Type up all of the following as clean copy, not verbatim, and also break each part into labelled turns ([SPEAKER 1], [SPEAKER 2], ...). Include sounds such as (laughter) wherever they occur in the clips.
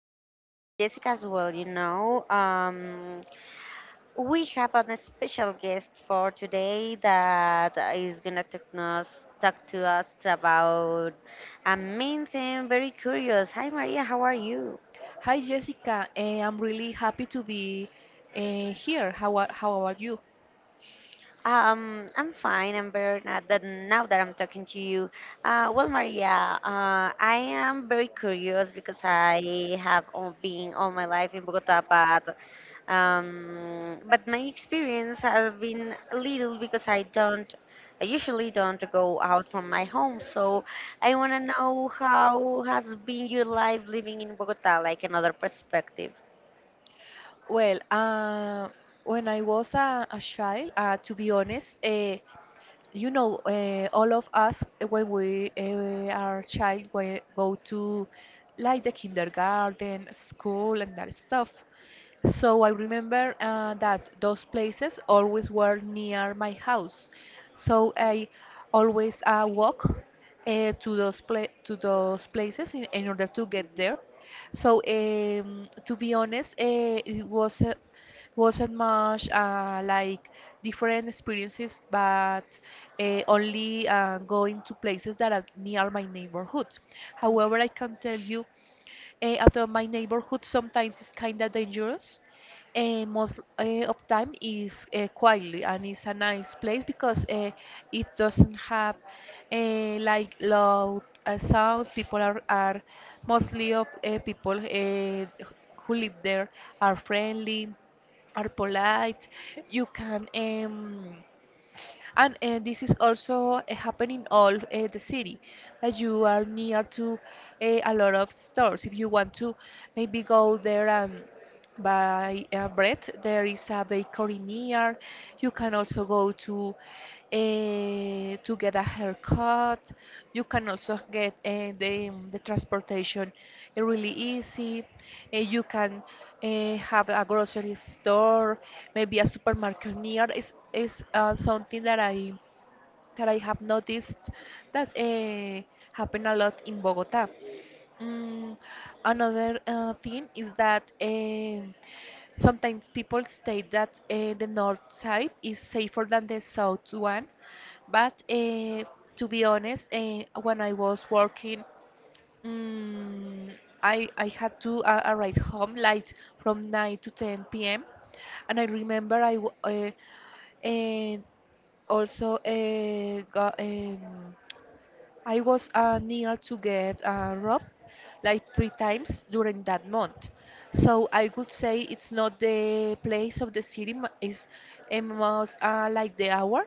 [SPEAKER 1] My name is Jessica as well, you know. We have a special guest for today that is going to talk to us about a main thing, very curious. Hi, Maria. How are you?
[SPEAKER 2] Hi Jessica, I'm really happy to be here. How about you?
[SPEAKER 1] I'm fine. I'm better now that I'm talking to you. Well, Maria, I am very curious because been all my life in Bogota, but but my experience has been little because I usually don't go out from my home. So I want to know how has been your life living in Bogota, like another perspective.
[SPEAKER 2] Well, when I was a child, to be honest, all of us when we are child, we go to like the kindergarten, school, and that stuff. So I remember that those places always were near my house. So I always walk to those pla to those places in order to get there. So, to be honest, it was a wasn't much like different experiences, but only going to places that are near my neighborhood. However, I can tell you although my neighborhood sometimes is kind of dangerous, most of time is quietly, and it's a nice place because it doesn't have like loud sounds. People are mostly of people who live there are friendly, are polite. You can and this is also happening all the city that you are near to a lot of stores if you want to maybe go there and by bread. There is a bakery near. You can also go to get a haircut. You can also get the transportation really easy. You can have a grocery store, maybe a supermarket near. Is something that I have noticed that happen a lot in Bogota. Mm, Another thing is that sometimes people state that the north side is safer than the south one, but to be honest, when I was working, mm, I had to arrive home late from 9 to 10 p.m. And I remember and also got. I was near to get robbed like three times during that month. So I would say it's not the place of the city, it's a most like the hour,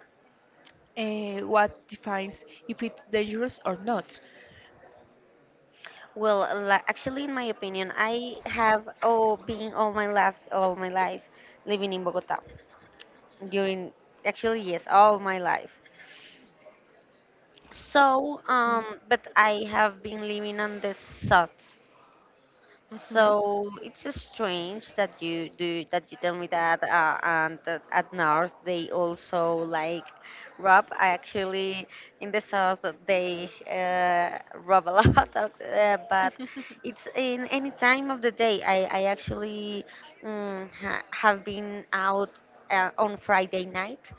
[SPEAKER 2] what defines if it's dangerous or not.
[SPEAKER 1] Well, actually, in my opinion, been living in Bogota. During Actually, yes, all my life. So, but I have been living on the south.
[SPEAKER 2] Mm-hmm.
[SPEAKER 1] So it's strange that you tell me that, and that at North they also like rob. Actually, in the South they rob a (laughs) lot, of, but it's in any time of the day. I actually ha have been out on Friday night,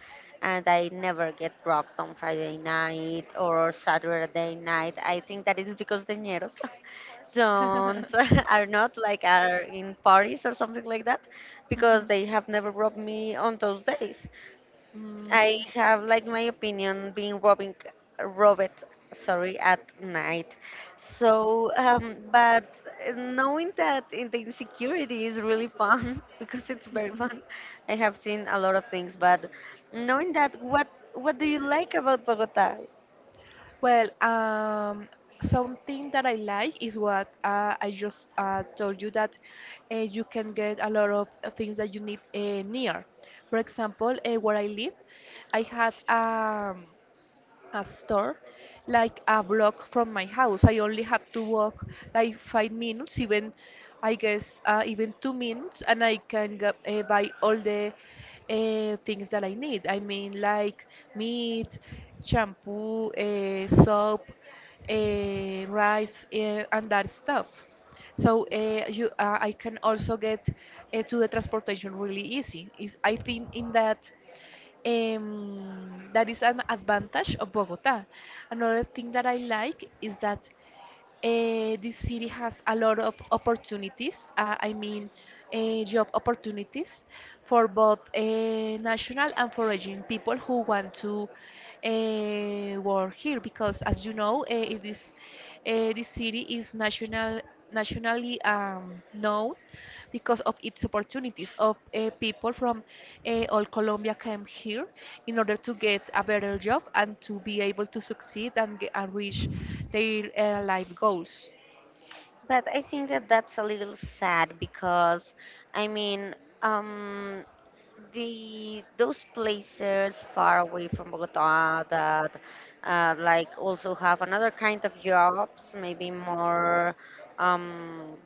[SPEAKER 1] and I never get dropped on Friday night or Saturday night. I think that is because the ñeros (laughs) don't (laughs) are not like are in parties or something like that because they have never robbed me on those days. I
[SPEAKER 2] Mm.
[SPEAKER 1] have like my opinion being robbing robbed, sorry, at night. So but knowing that in the insecurity is really fun (laughs) because it's very fun. I have seen a lot of things, but knowing that, what do you like
[SPEAKER 2] Mhm.
[SPEAKER 1] about Bogota?
[SPEAKER 2] Well, something that I like is what I just told you that you can get a lot of things that you need near. For example, where I live, I had a store like a block from my house. I only have to walk like 5 minutes, even I guess even 2 minutes, and I can go, buy all the things that I need. I mean, like meat, shampoo, soap, rice, and that stuff. So I can also get to the transportation really easy. Is, I think, in that is an advantage of Bogota. Another thing that I like is that this city has a lot of opportunities. I mean, job opportunities for both national and foreign people who want to work here. Because, as you know, it is this city is nationally known because of its opportunities of people from all Colombia came here in order to get a better job and to be able to succeed and reach their life goals.
[SPEAKER 1] But I think that that's a little sad because, I mean, um, the those places far away from Bogota that like also have another kind of jobs, um,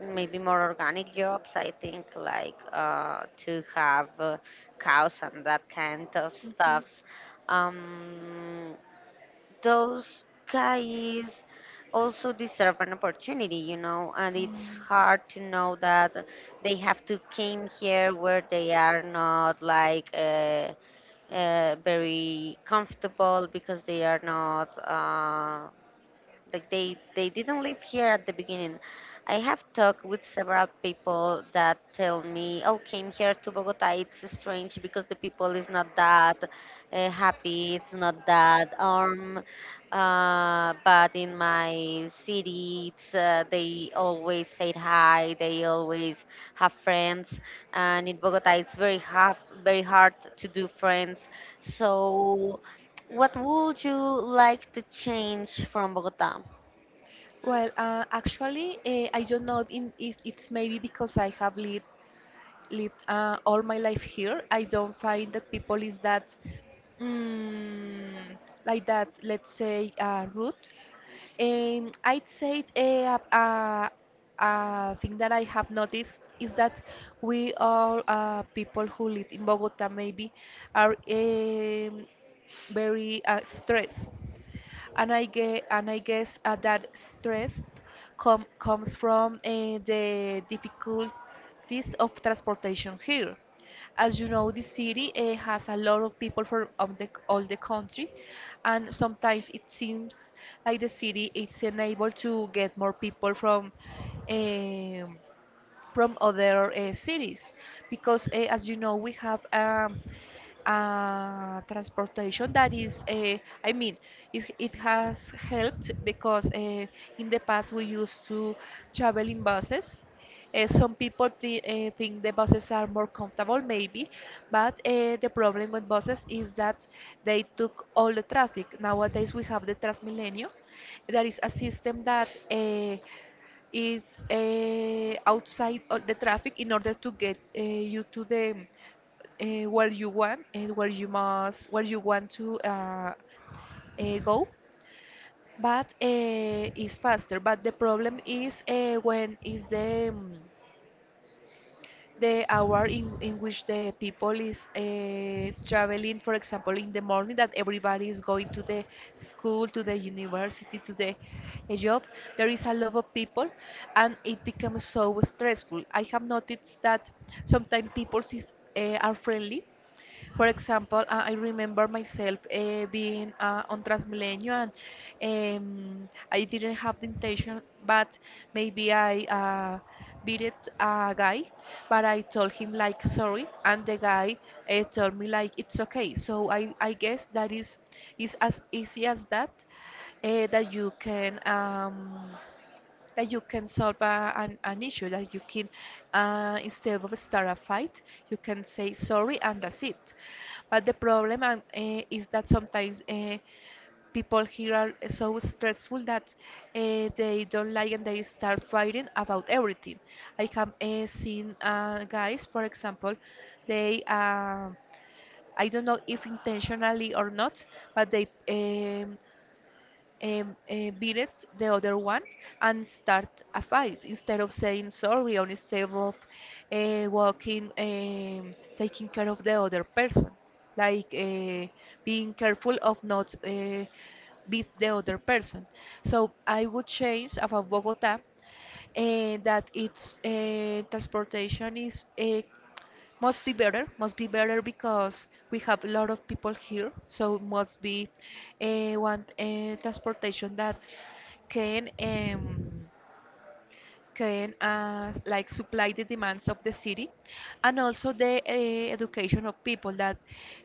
[SPEAKER 1] maybe more organic jobs. I think like to have cows and that kind of
[SPEAKER 2] Mhm.
[SPEAKER 1] stuffs. Um, those guys also deserve an opportunity, you know, and it's
[SPEAKER 2] Mm.
[SPEAKER 1] hard to know that they have to came here where they are not like very comfortable because they are not. Like they didn't live here at the beginning. I have talked with several people that tell me, "Oh, came here to Bogota, it's strange because the people is not that happy. It's not that but in my city it's, they always say hi, they always have friends, and in Bogota it's very hard, very hard to do friends." So what would you like to change from Bogota?
[SPEAKER 2] Well, actually, I don't know if it's maybe because I have live all my life here. I don't find that people is that mm, like that. Let's say rude. And I'd say a thing that I have noticed is that we all people who live in Bogota maybe are very stressed, and I get and I guess that stress comes from the difficulties of transportation here. As you know, the city has a lot of people from all the country, and sometimes it seems like the city is unable to get more people um, from other cities, because as you know, we have transportation that is I mean, it has helped because in the past we used to travel in buses. Some people think the buses are more comfortable, maybe, but the problem with buses is that they took all the traffic. Nowadays, we have the Transmilenio, that is a system that is outside of the traffic in order to get you to the where you want and where you want to go, but is faster, but the problem is when is the hour in which the people is traveling, for example, in the morning that everybody is going to the school, to the university, to the a job, there is a lot of people, and it becomes so stressful. I have noticed that sometimes people are friendly. For example, I remember myself being on Transmilenio, and I didn't have the intention, but maybe I beat it a guy, but I told him like sorry, and the guy told me like it's okay. So I guess that is as easy as that, uh, that you can um, that you can solve an issue, that you can, instead of start a fight, you can say sorry and that's it. But the problem, is that sometimes people here are so stressful that they don't like and they start fighting about everything. I have seen guys, for example, they. I don't know if intentionally or not, but they beated the other one and start a fight instead of saying sorry or instead of walking, taking care of the other person, like being careful of not beat the other person. So I would change about Bogota that its transportation is must be better, must be better, because we have a lot of people here, so must be one transportation that can um, can like supply the demands of the city, and also the education of people, that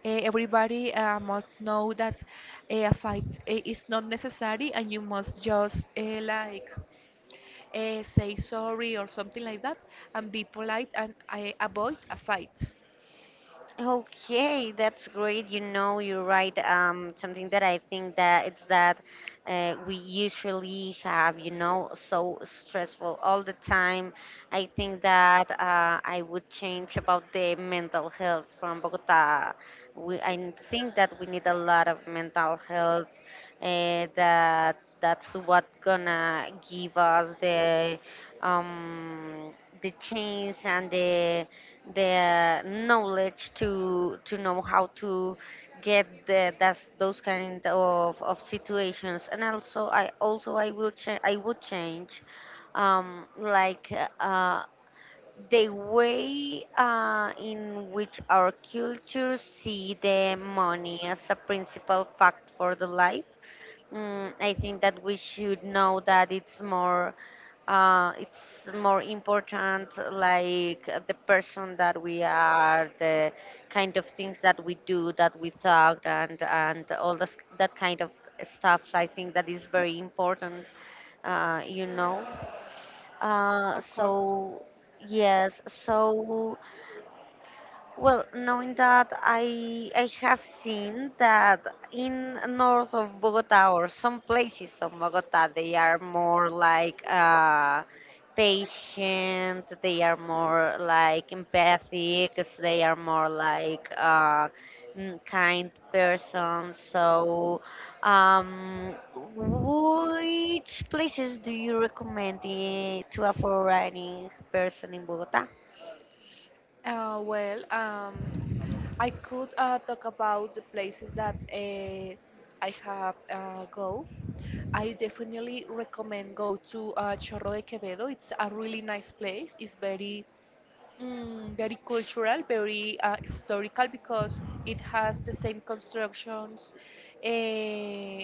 [SPEAKER 2] everybody must know that a fight is not necessary, and you must just like say sorry or something like that, and be polite and avoid a fight.
[SPEAKER 1] Okay, that's great. You know, you're right. Something that I think that it's that we usually have, you know, so stressful all the time. I think that I would change about the mental health from Bogota. I think that we need a lot of mental health. That that's what gonna give us um, the change and the knowledge to know how to get that's those kind of situations. And also I will cha- I would change um, like uh, the way in which our culture see the money as a principal fact for the life. I think that we should know that it's more important, like the person that we are, the kind of things that we do, that we talk, and all this, that kind of stuff. I think that is very important, you know,
[SPEAKER 2] Of course.
[SPEAKER 1] so. Yes, so, well, knowing that I have seen that in north of Bogota or some places of Bogota they are more like patient, they are more like empathic, they are more like kind person. So, um, which places do you recommend, eh, to a foreign person in Bogota?
[SPEAKER 2] Well, I could talk about the places that I have go. I definitely recommend go to Chorro de Quevedo. It's a really nice place. It's very, very cultural, very historical, because it has the same constructions uh,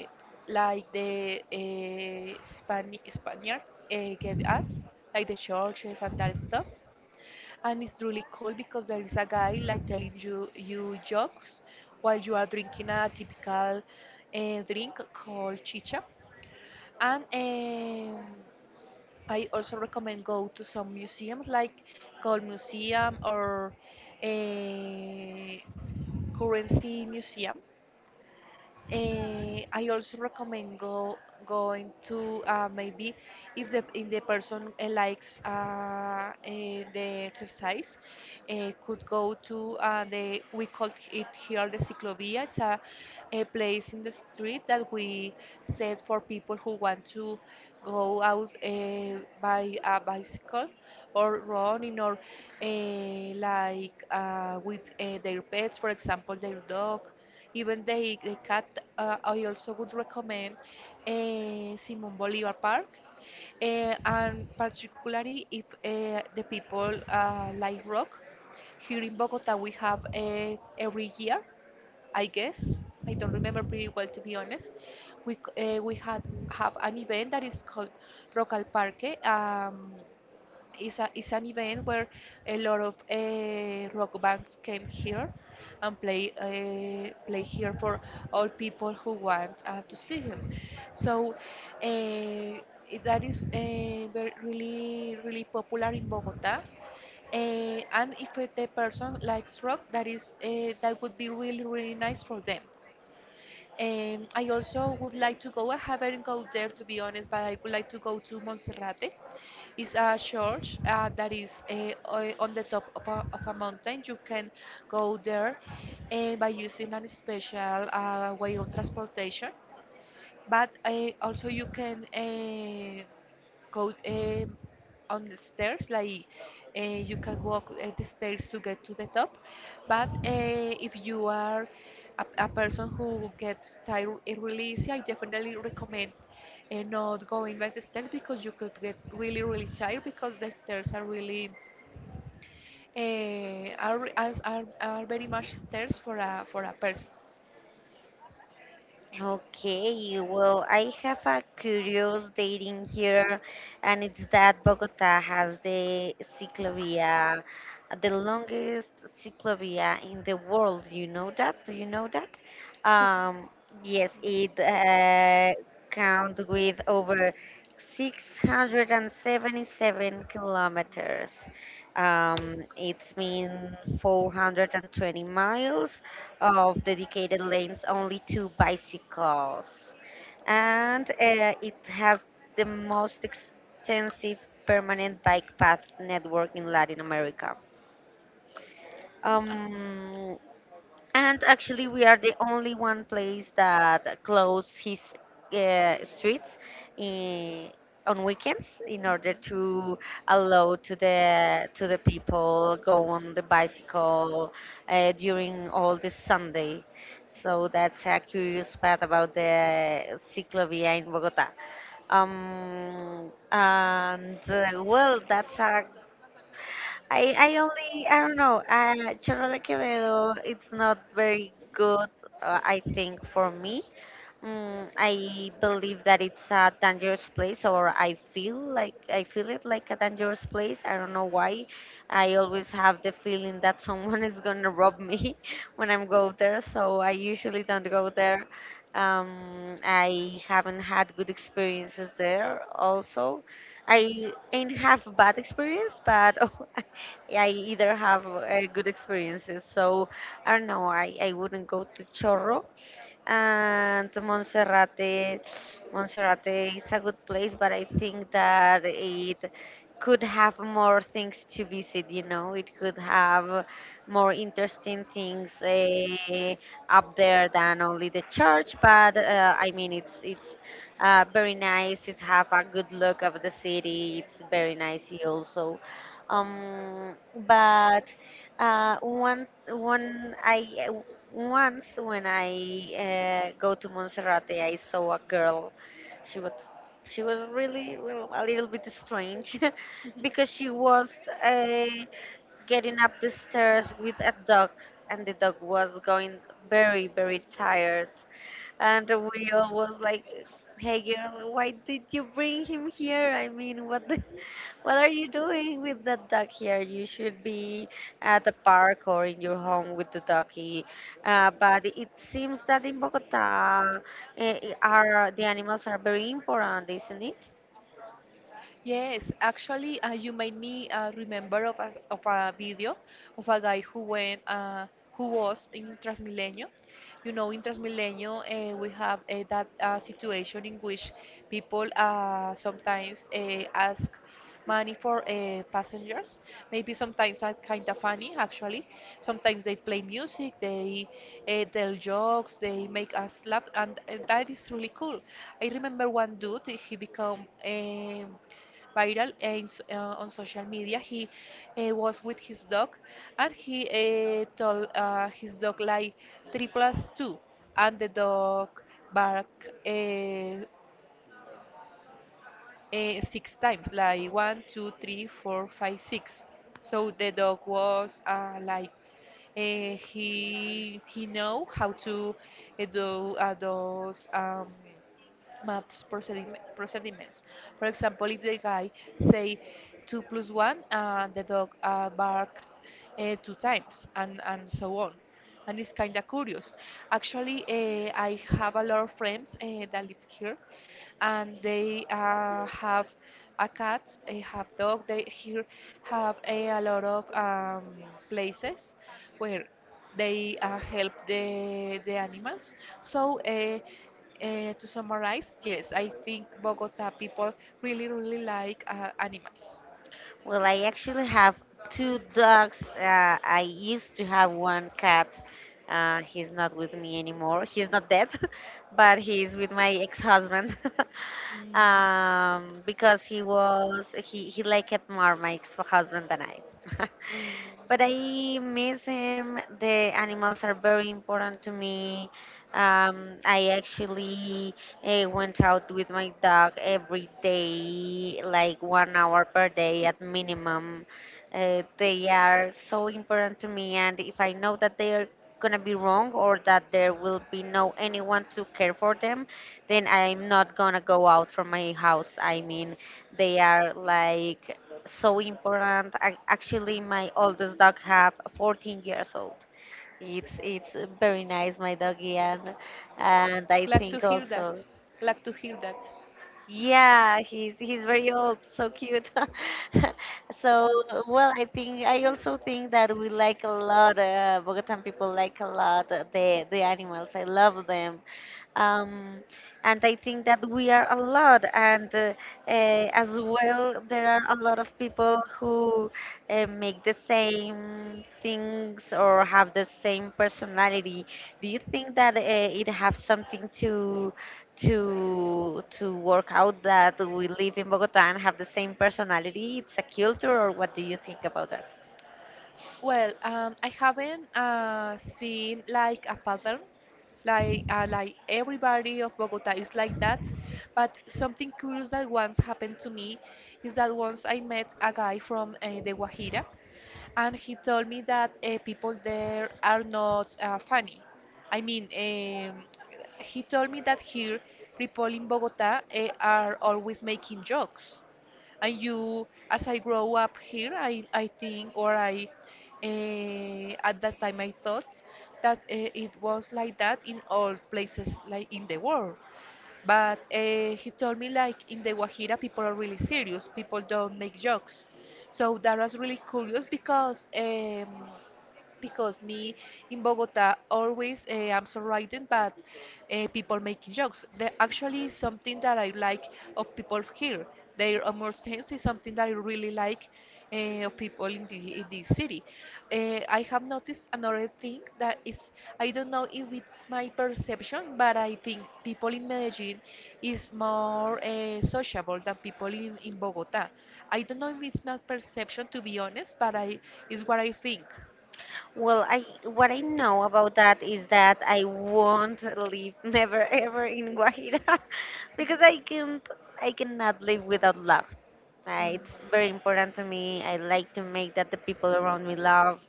[SPEAKER 2] like the Spaniards gave us, like the churches and that stuff. And it's really cool because there is a guy like telling you jokes while you are drinking a typical drink called chicha. And I also recommend go to some museums like Gold Museum or a currency museum. I also recommend go going to maybe if the person likes the exercise, could go to the we call it here the ciclovia. It's a place in the street that we set for people who want to go out by a bicycle or running or like with their pets, for example, their dog. Even they cut, I also would recommend Simon Bolivar Park. And particularly if the people like rock. Here in Bogota, we have every year, I guess. I don't remember pretty well, to be honest. We had have an event that is called Rock al Parque. It's an event where a lot of rock bands came here and play here for all people who want to see him. So uh, that is really really popular in Bogota. And if it- the person likes rock, that would be really really nice for them. I also would like to go. I haven't go there, to be honest, but I would like to go to Monserrate. It's a church that is on the top of of a mountain. You can go there by using a special way of transportation. But Also you can go on the stairs, like you can walk the stairs to get to the top. But if you are a person who gets tired, really easy, I definitely recommend not going by the stairs because you could get really really tired because the stairs are really are, are very much stairs for a person.
[SPEAKER 1] Okay, well, I have a curious dating here, and it's that Bogota has the ciclovia, the longest ciclovia in the world. You know that? Do you know that?
[SPEAKER 2] To.
[SPEAKER 1] Um, yes, it count with over 677 kilometers. It means 420 miles of dedicated lanes only to bicycles. And it has the most extensive permanent bike path network in Latin America.
[SPEAKER 2] Mm,
[SPEAKER 1] Um, and actually, we are the only one place that close his streets in, on weekends in order to allow to the people go on the bicycle during all the Sunday. So that's a curious part about the ciclovia in Bogota. And well, that's a I only I don't know. Chorro de Quevedo, it's not very good. I think for me, I believe that it's a dangerous place, or I feel like I feel it like a dangerous place. I don't know why. I always have the feeling that someone (laughs) is gonna rob me (laughs) when I'm go there, so I usually don't go there. I haven't had good experiences there. Also, I ain't have bad experience, but (laughs) oh, I either have good experiences. So I don't know. I wouldn't go to Chorro and Monserrate. Monserrate is a good place, but I think that it could have more things to visit. You know, it could have more interesting things up there than only the church. But I mean, it's very nice. It have a good look of the city. It's very nice also. Um, but one one I Once when I go to Montserrat, I saw a girl. She was she was really, well, a little bit strange (laughs) because she was uh, getting up the stairs with a dog, and the dog was going very, very tired. And we all was like, "Hey girl, why did you bring him here? I mean, (laughs) what are you doing with that dog here? You should be at the park or in your home with the doggy." But it seems that in Bogota, uh, are the animals are very important, isn't it?
[SPEAKER 2] yes, actually, you made me remember of a video of a guy who went who was in Transmilenio. You know, in Transmilenio, we have that situation in which people sometimes ask money for passengers. Maybe sometimes are kind of funny, actually. Sometimes they play music, they tell jokes, they make us laugh, and that is really cool. I remember one dude. He became viral on social media. He was with his dog, and he told his dog, like, three plus two, and the dog bark uh, six times, like one, two, three, four, five, six. So the dog was like he know how to do those maths procediments. For example, if the guy say two plus one, the dog barked two times, and so on. And it's kind of curious. Actually, I have a lot of friends that live here, and they have a cat, they have dog. They here have a lot of places where they help the animals. So. To summarize, yes, I think Bogota people really, really like animals.
[SPEAKER 1] Well, I actually have two dogs. I used to have one cat. He's not with me anymore. He's not dead, (laughs) but he's with my ex-husband. (laughs)
[SPEAKER 2] Mm.
[SPEAKER 1] Because he was he liked it more my ex-husband than I. (laughs)
[SPEAKER 2] Mm.
[SPEAKER 1] But I miss him. The animals are very important to me. I actually, I went out with my dog every day, like 1 hour per day at minimum. They are so important to me, and if I know that they are gonna be wrong or that there will be no anyone to care for them, then I'm not gonna go out from my house. I mean, they are like so important. I, actually, my oldest dog have 14 years old. It's very nice, my doggy, and I
[SPEAKER 2] Glad to
[SPEAKER 1] think
[SPEAKER 2] hear that.
[SPEAKER 1] also.
[SPEAKER 2] Glad to hear that.
[SPEAKER 1] Yeah, he's very old, so cute. (laughs) So, well, I think, I also think that we like a lot. Bogotan people like a lot the animals. I love them. Um, and I think that we are a lot, and uh, as well, there are a lot of people who make the same things or have the same personality. Do you think that it has something to work out that we live in Bogota and have the same personality? It's a culture, or what do you think about that?
[SPEAKER 2] Well, I haven't seen like a pattern, like everybody of Bogota is like that. But something curious that once happened to me is that once I met a guy from the Guajira, and he told me that people there are not funny. I mean, he told me that here people in Bogota are always making jokes. And you, as I grow up here, I think, or at that time I thought that it was like that in all places, like, in the world. But he told me, like, in the Guajira people are really serious. People don't make jokes. So that was really curious because because me in Bogota always I'm surrounded by people making jokes. There actually something that I like of people here. Their humor sense is something that I really like of people in the in this city. I have noticed another thing that is, I don't know if it's my perception, but I think people in Medellin is more sociable than people in Bogota. I don't know if it's my perception, to be honest, but I is what I think.
[SPEAKER 1] Well, I, what I know about that is that I won't live (laughs) never ever in Guajira (laughs) because I cannot live without love.
[SPEAKER 2] Mm.
[SPEAKER 1] It's very important to me. I like to make that the people around me love.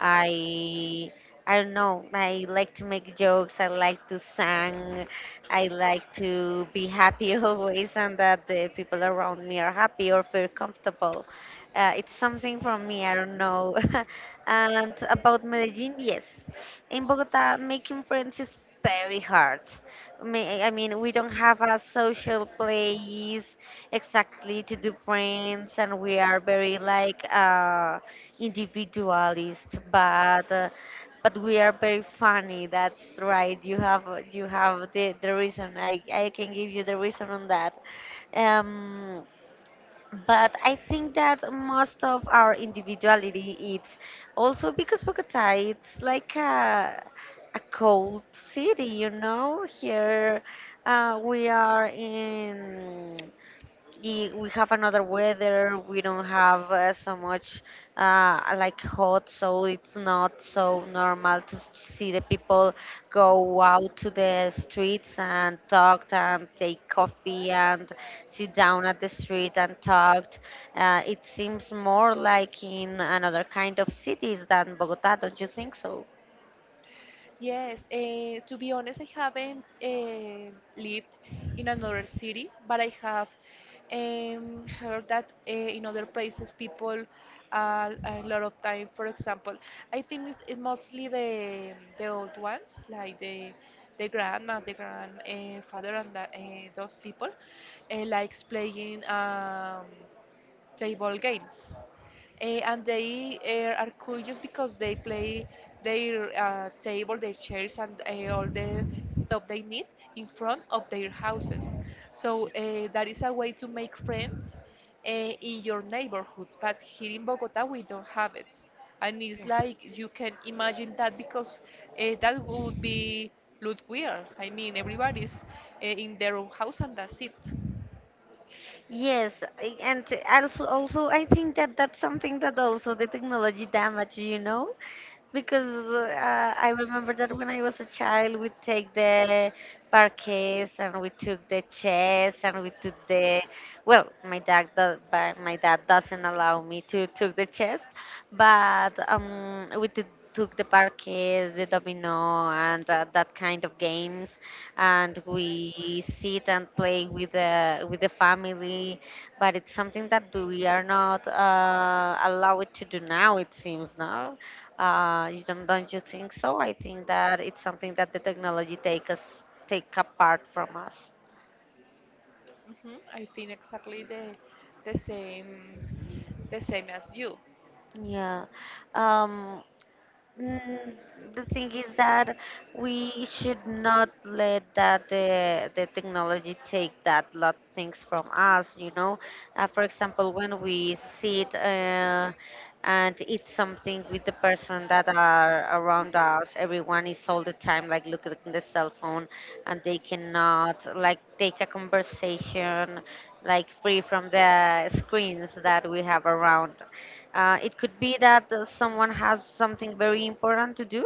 [SPEAKER 1] I I don't know. I like to make jokes. I like to sing. I like to be happy (laughs) always, and that the people around me are happy or feel comfortable. It's something from me. I don't know. (laughs) And about Medellin, yes. In Bogota, making friends is very hard. I mean, we don't have a social place exactly to do friends, and we are very like individualist, but we are very funny. That's right. You have the reason. I can give you the reason on that. Um, but I think that most of our individuality, it's also because Bogota it's like a cold city, you know. Here we are in we have another weather. We don't have so much like hot, so it's not so normal to see the people go out to the streets and talk and take coffee and sit down at the street and talk. Uh, it seems more like in another kind of cities than Bogota, don't you think so?
[SPEAKER 2] Yes, to be honest, I haven't lived in another city, but I have heard that in other places people are a lot of time. For example, I think it's mostly the old ones, like the grandma, the grandfather, and those people likes playing table games and they are curious because they play their table, their chairs, and all the stuff they need in front of their houses. So that is a way to make friends in your neighborhood. But here in Bogota, we don't have it, and it's like you can imagine that because that would be look weird. I mean, everybody's in their own house, and that's it.
[SPEAKER 1] Yes, and also, also I think that that's something that also the technology damage, you know, because I remember that when I was a child, we take the parquets and we took the chess and we took the well, my dad do, but my dad doesn't allow me to took the chess, but we took took the parquets, the domino, and that kind of games, and we sit and play with the family. But it's something that we are not allowed to do now, it seems no. Uh, you don't you think so? I think that it's something that the technology take us take apart from us.
[SPEAKER 2] Mhm. I think exactly the same the same as you.
[SPEAKER 1] Yeah. um Mm, the thing is that we should not let that the technology take that lot things from us, you know. For example, when we sit and eat something with the person that are around us, everyone is all the time like looking at the cell phone, and they cannot like take a conversation like free from the screens that we have around. It could be that someone has something very important to do.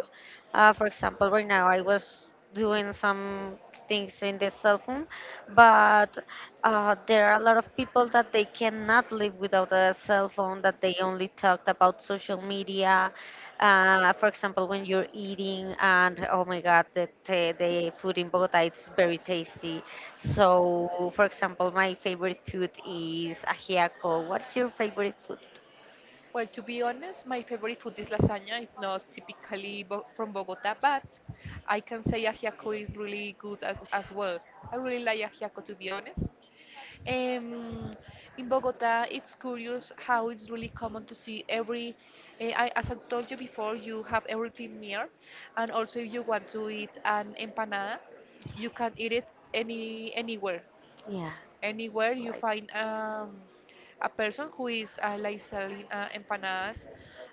[SPEAKER 1] For example, right now I was doing some things in the cell phone, but there are a lot of people that they cannot not live without a cell phone, that they only talked about social media. For example, when you're eating, and oh my God, the food in Bogota it's very tasty. So, for example, my favorite food is ajiaco. What's your favorite food?
[SPEAKER 2] Well, to be honest, my favorite food is lasagna. It's not typically bo from Bogota, but I can say ajiaco is really good as well. I really like ajiaco, to be honest. Um, in Bogota, it's curious how it's really common to see every. Eh, I, as I told you before, you have everything near, and also if you want to eat an empanada, you can eat it any anywhere.
[SPEAKER 1] Yeah,
[SPEAKER 2] Anywhere
[SPEAKER 1] that's
[SPEAKER 2] you
[SPEAKER 1] right.
[SPEAKER 2] find a person who is like, selling empanadas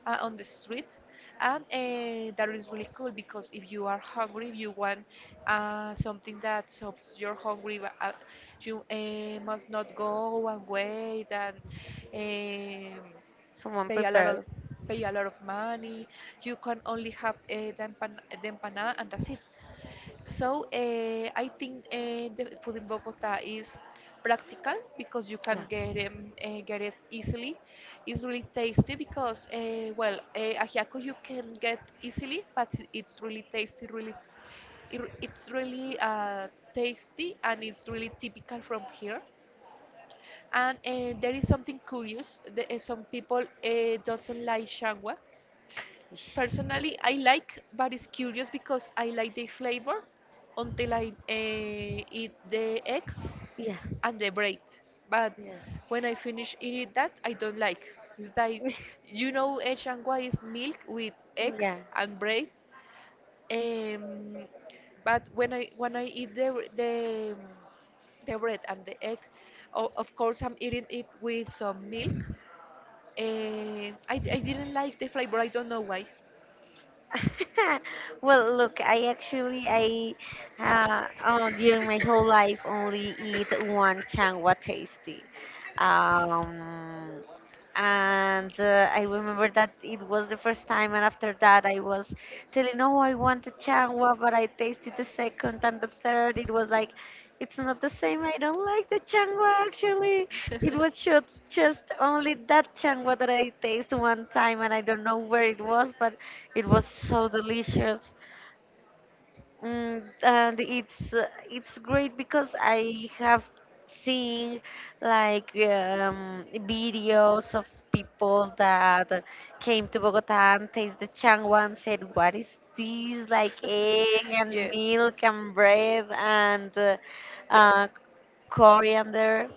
[SPEAKER 2] on the street, and that is really cool because if you are hungry, if you want something that solves your hungry, but, you must not go and wait and um
[SPEAKER 1] Someone
[SPEAKER 2] pay a lot of
[SPEAKER 1] prepare.
[SPEAKER 2] pay a lot of money. You can only have the empanada, and that's it. So I think the food in Bogota is practical because you
[SPEAKER 1] Yeah,
[SPEAKER 2] can get it easily. It's really tasty because well, ajiaco you can get easily, but it- it's really tasty. Really, it, it's really tasty, and it's really typical from here. And there is something curious. The, some people doesn't like shangwa. Personally, I like, but it's curious because I like the flavor until I eat the egg
[SPEAKER 1] yeah,
[SPEAKER 2] and the bread. But
[SPEAKER 1] yeah,
[SPEAKER 2] when I finish eating that, I don't like. It's like, you know, H&Y is milk with egg
[SPEAKER 1] (laughs) yeah.
[SPEAKER 2] and bread. Um, but when I eat the bread and the egg, o- of course I'm eating it with some milk. And I didn't like the flavor. I don't know why.
[SPEAKER 1] (laughs) Well, look, I actually I oh, during my whole life only eat one changwa tasty. Um, and I remember that it was the first time, and after that I was telling, no, I want the changwa, but I tasted the second and the third. It was like, it's not the same. I don't like the changwa actually. It was just only that changwa that I tasted one time, and I don't know where it was, but it was so delicious.
[SPEAKER 2] (laughs)
[SPEAKER 1] Mm, and it's great because I have seen like videos of people that came to Bogota and taste the changua and said, "What is this? Like egg and
[SPEAKER 2] yes.
[SPEAKER 1] milk and bread and
[SPEAKER 2] The-
[SPEAKER 1] uh, coriander."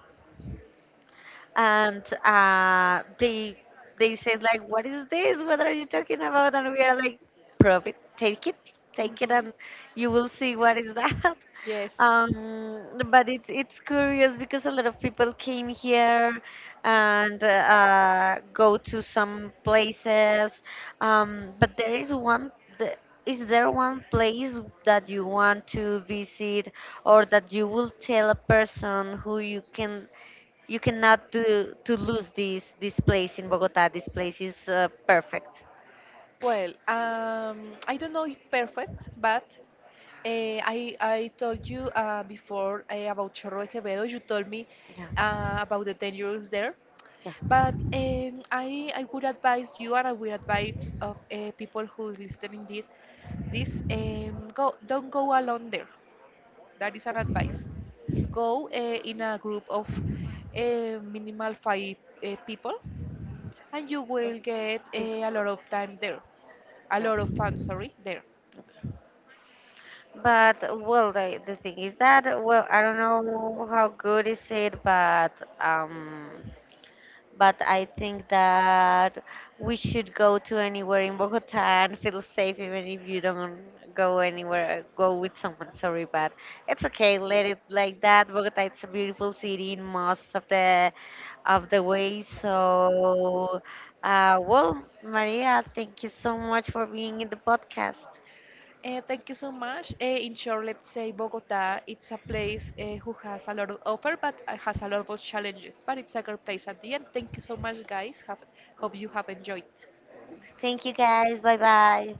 [SPEAKER 1] And they said like, "What is this? What are you talking about?" And we are like, "Prove it. Take it. Take it,
[SPEAKER 2] Mhm.
[SPEAKER 1] and you will see what is that." (laughs)
[SPEAKER 2] Yes.
[SPEAKER 1] But it's curious because a lot of people came here and go to some places. But there is one. The, is there one place that you want to visit, or that you will tell a person who you can you cannot to to lose this place in Bogota? This place is perfect.
[SPEAKER 2] Well, I don't know if perfect, but I told you before about Chorro de Quevedo. You told me
[SPEAKER 1] Yeah,
[SPEAKER 2] about the dangers there,
[SPEAKER 1] yeah,
[SPEAKER 2] but I would advise you, and I would advise of people who listening did this go don't go alone there. That is an advice. Go in a group of minimal five people, and you will get
[SPEAKER 1] big-,
[SPEAKER 2] a lot of time there, a
[SPEAKER 1] yeah.
[SPEAKER 2] lot of fun, sorry, there.
[SPEAKER 1] But well, the thing is that, well, I don't know how good is it, um, but I think that we should go to anywhere in Bogota and feel safe, even if you don't go anywhere, go with someone. Sorry, but it's okay. Let it like that. Bogota, it's a beautiful city in most of the way. So, well, Maria, thank you so much for being in the podcast.
[SPEAKER 2] Thank you so much. In short, let's say Bogota, it's a place who has a lot of offer, but has a lot of challenges. But it's a great place at the end. Thank you so much, guys. Have, hope you have enjoyed.
[SPEAKER 1] Thank you, guys. Bye bye.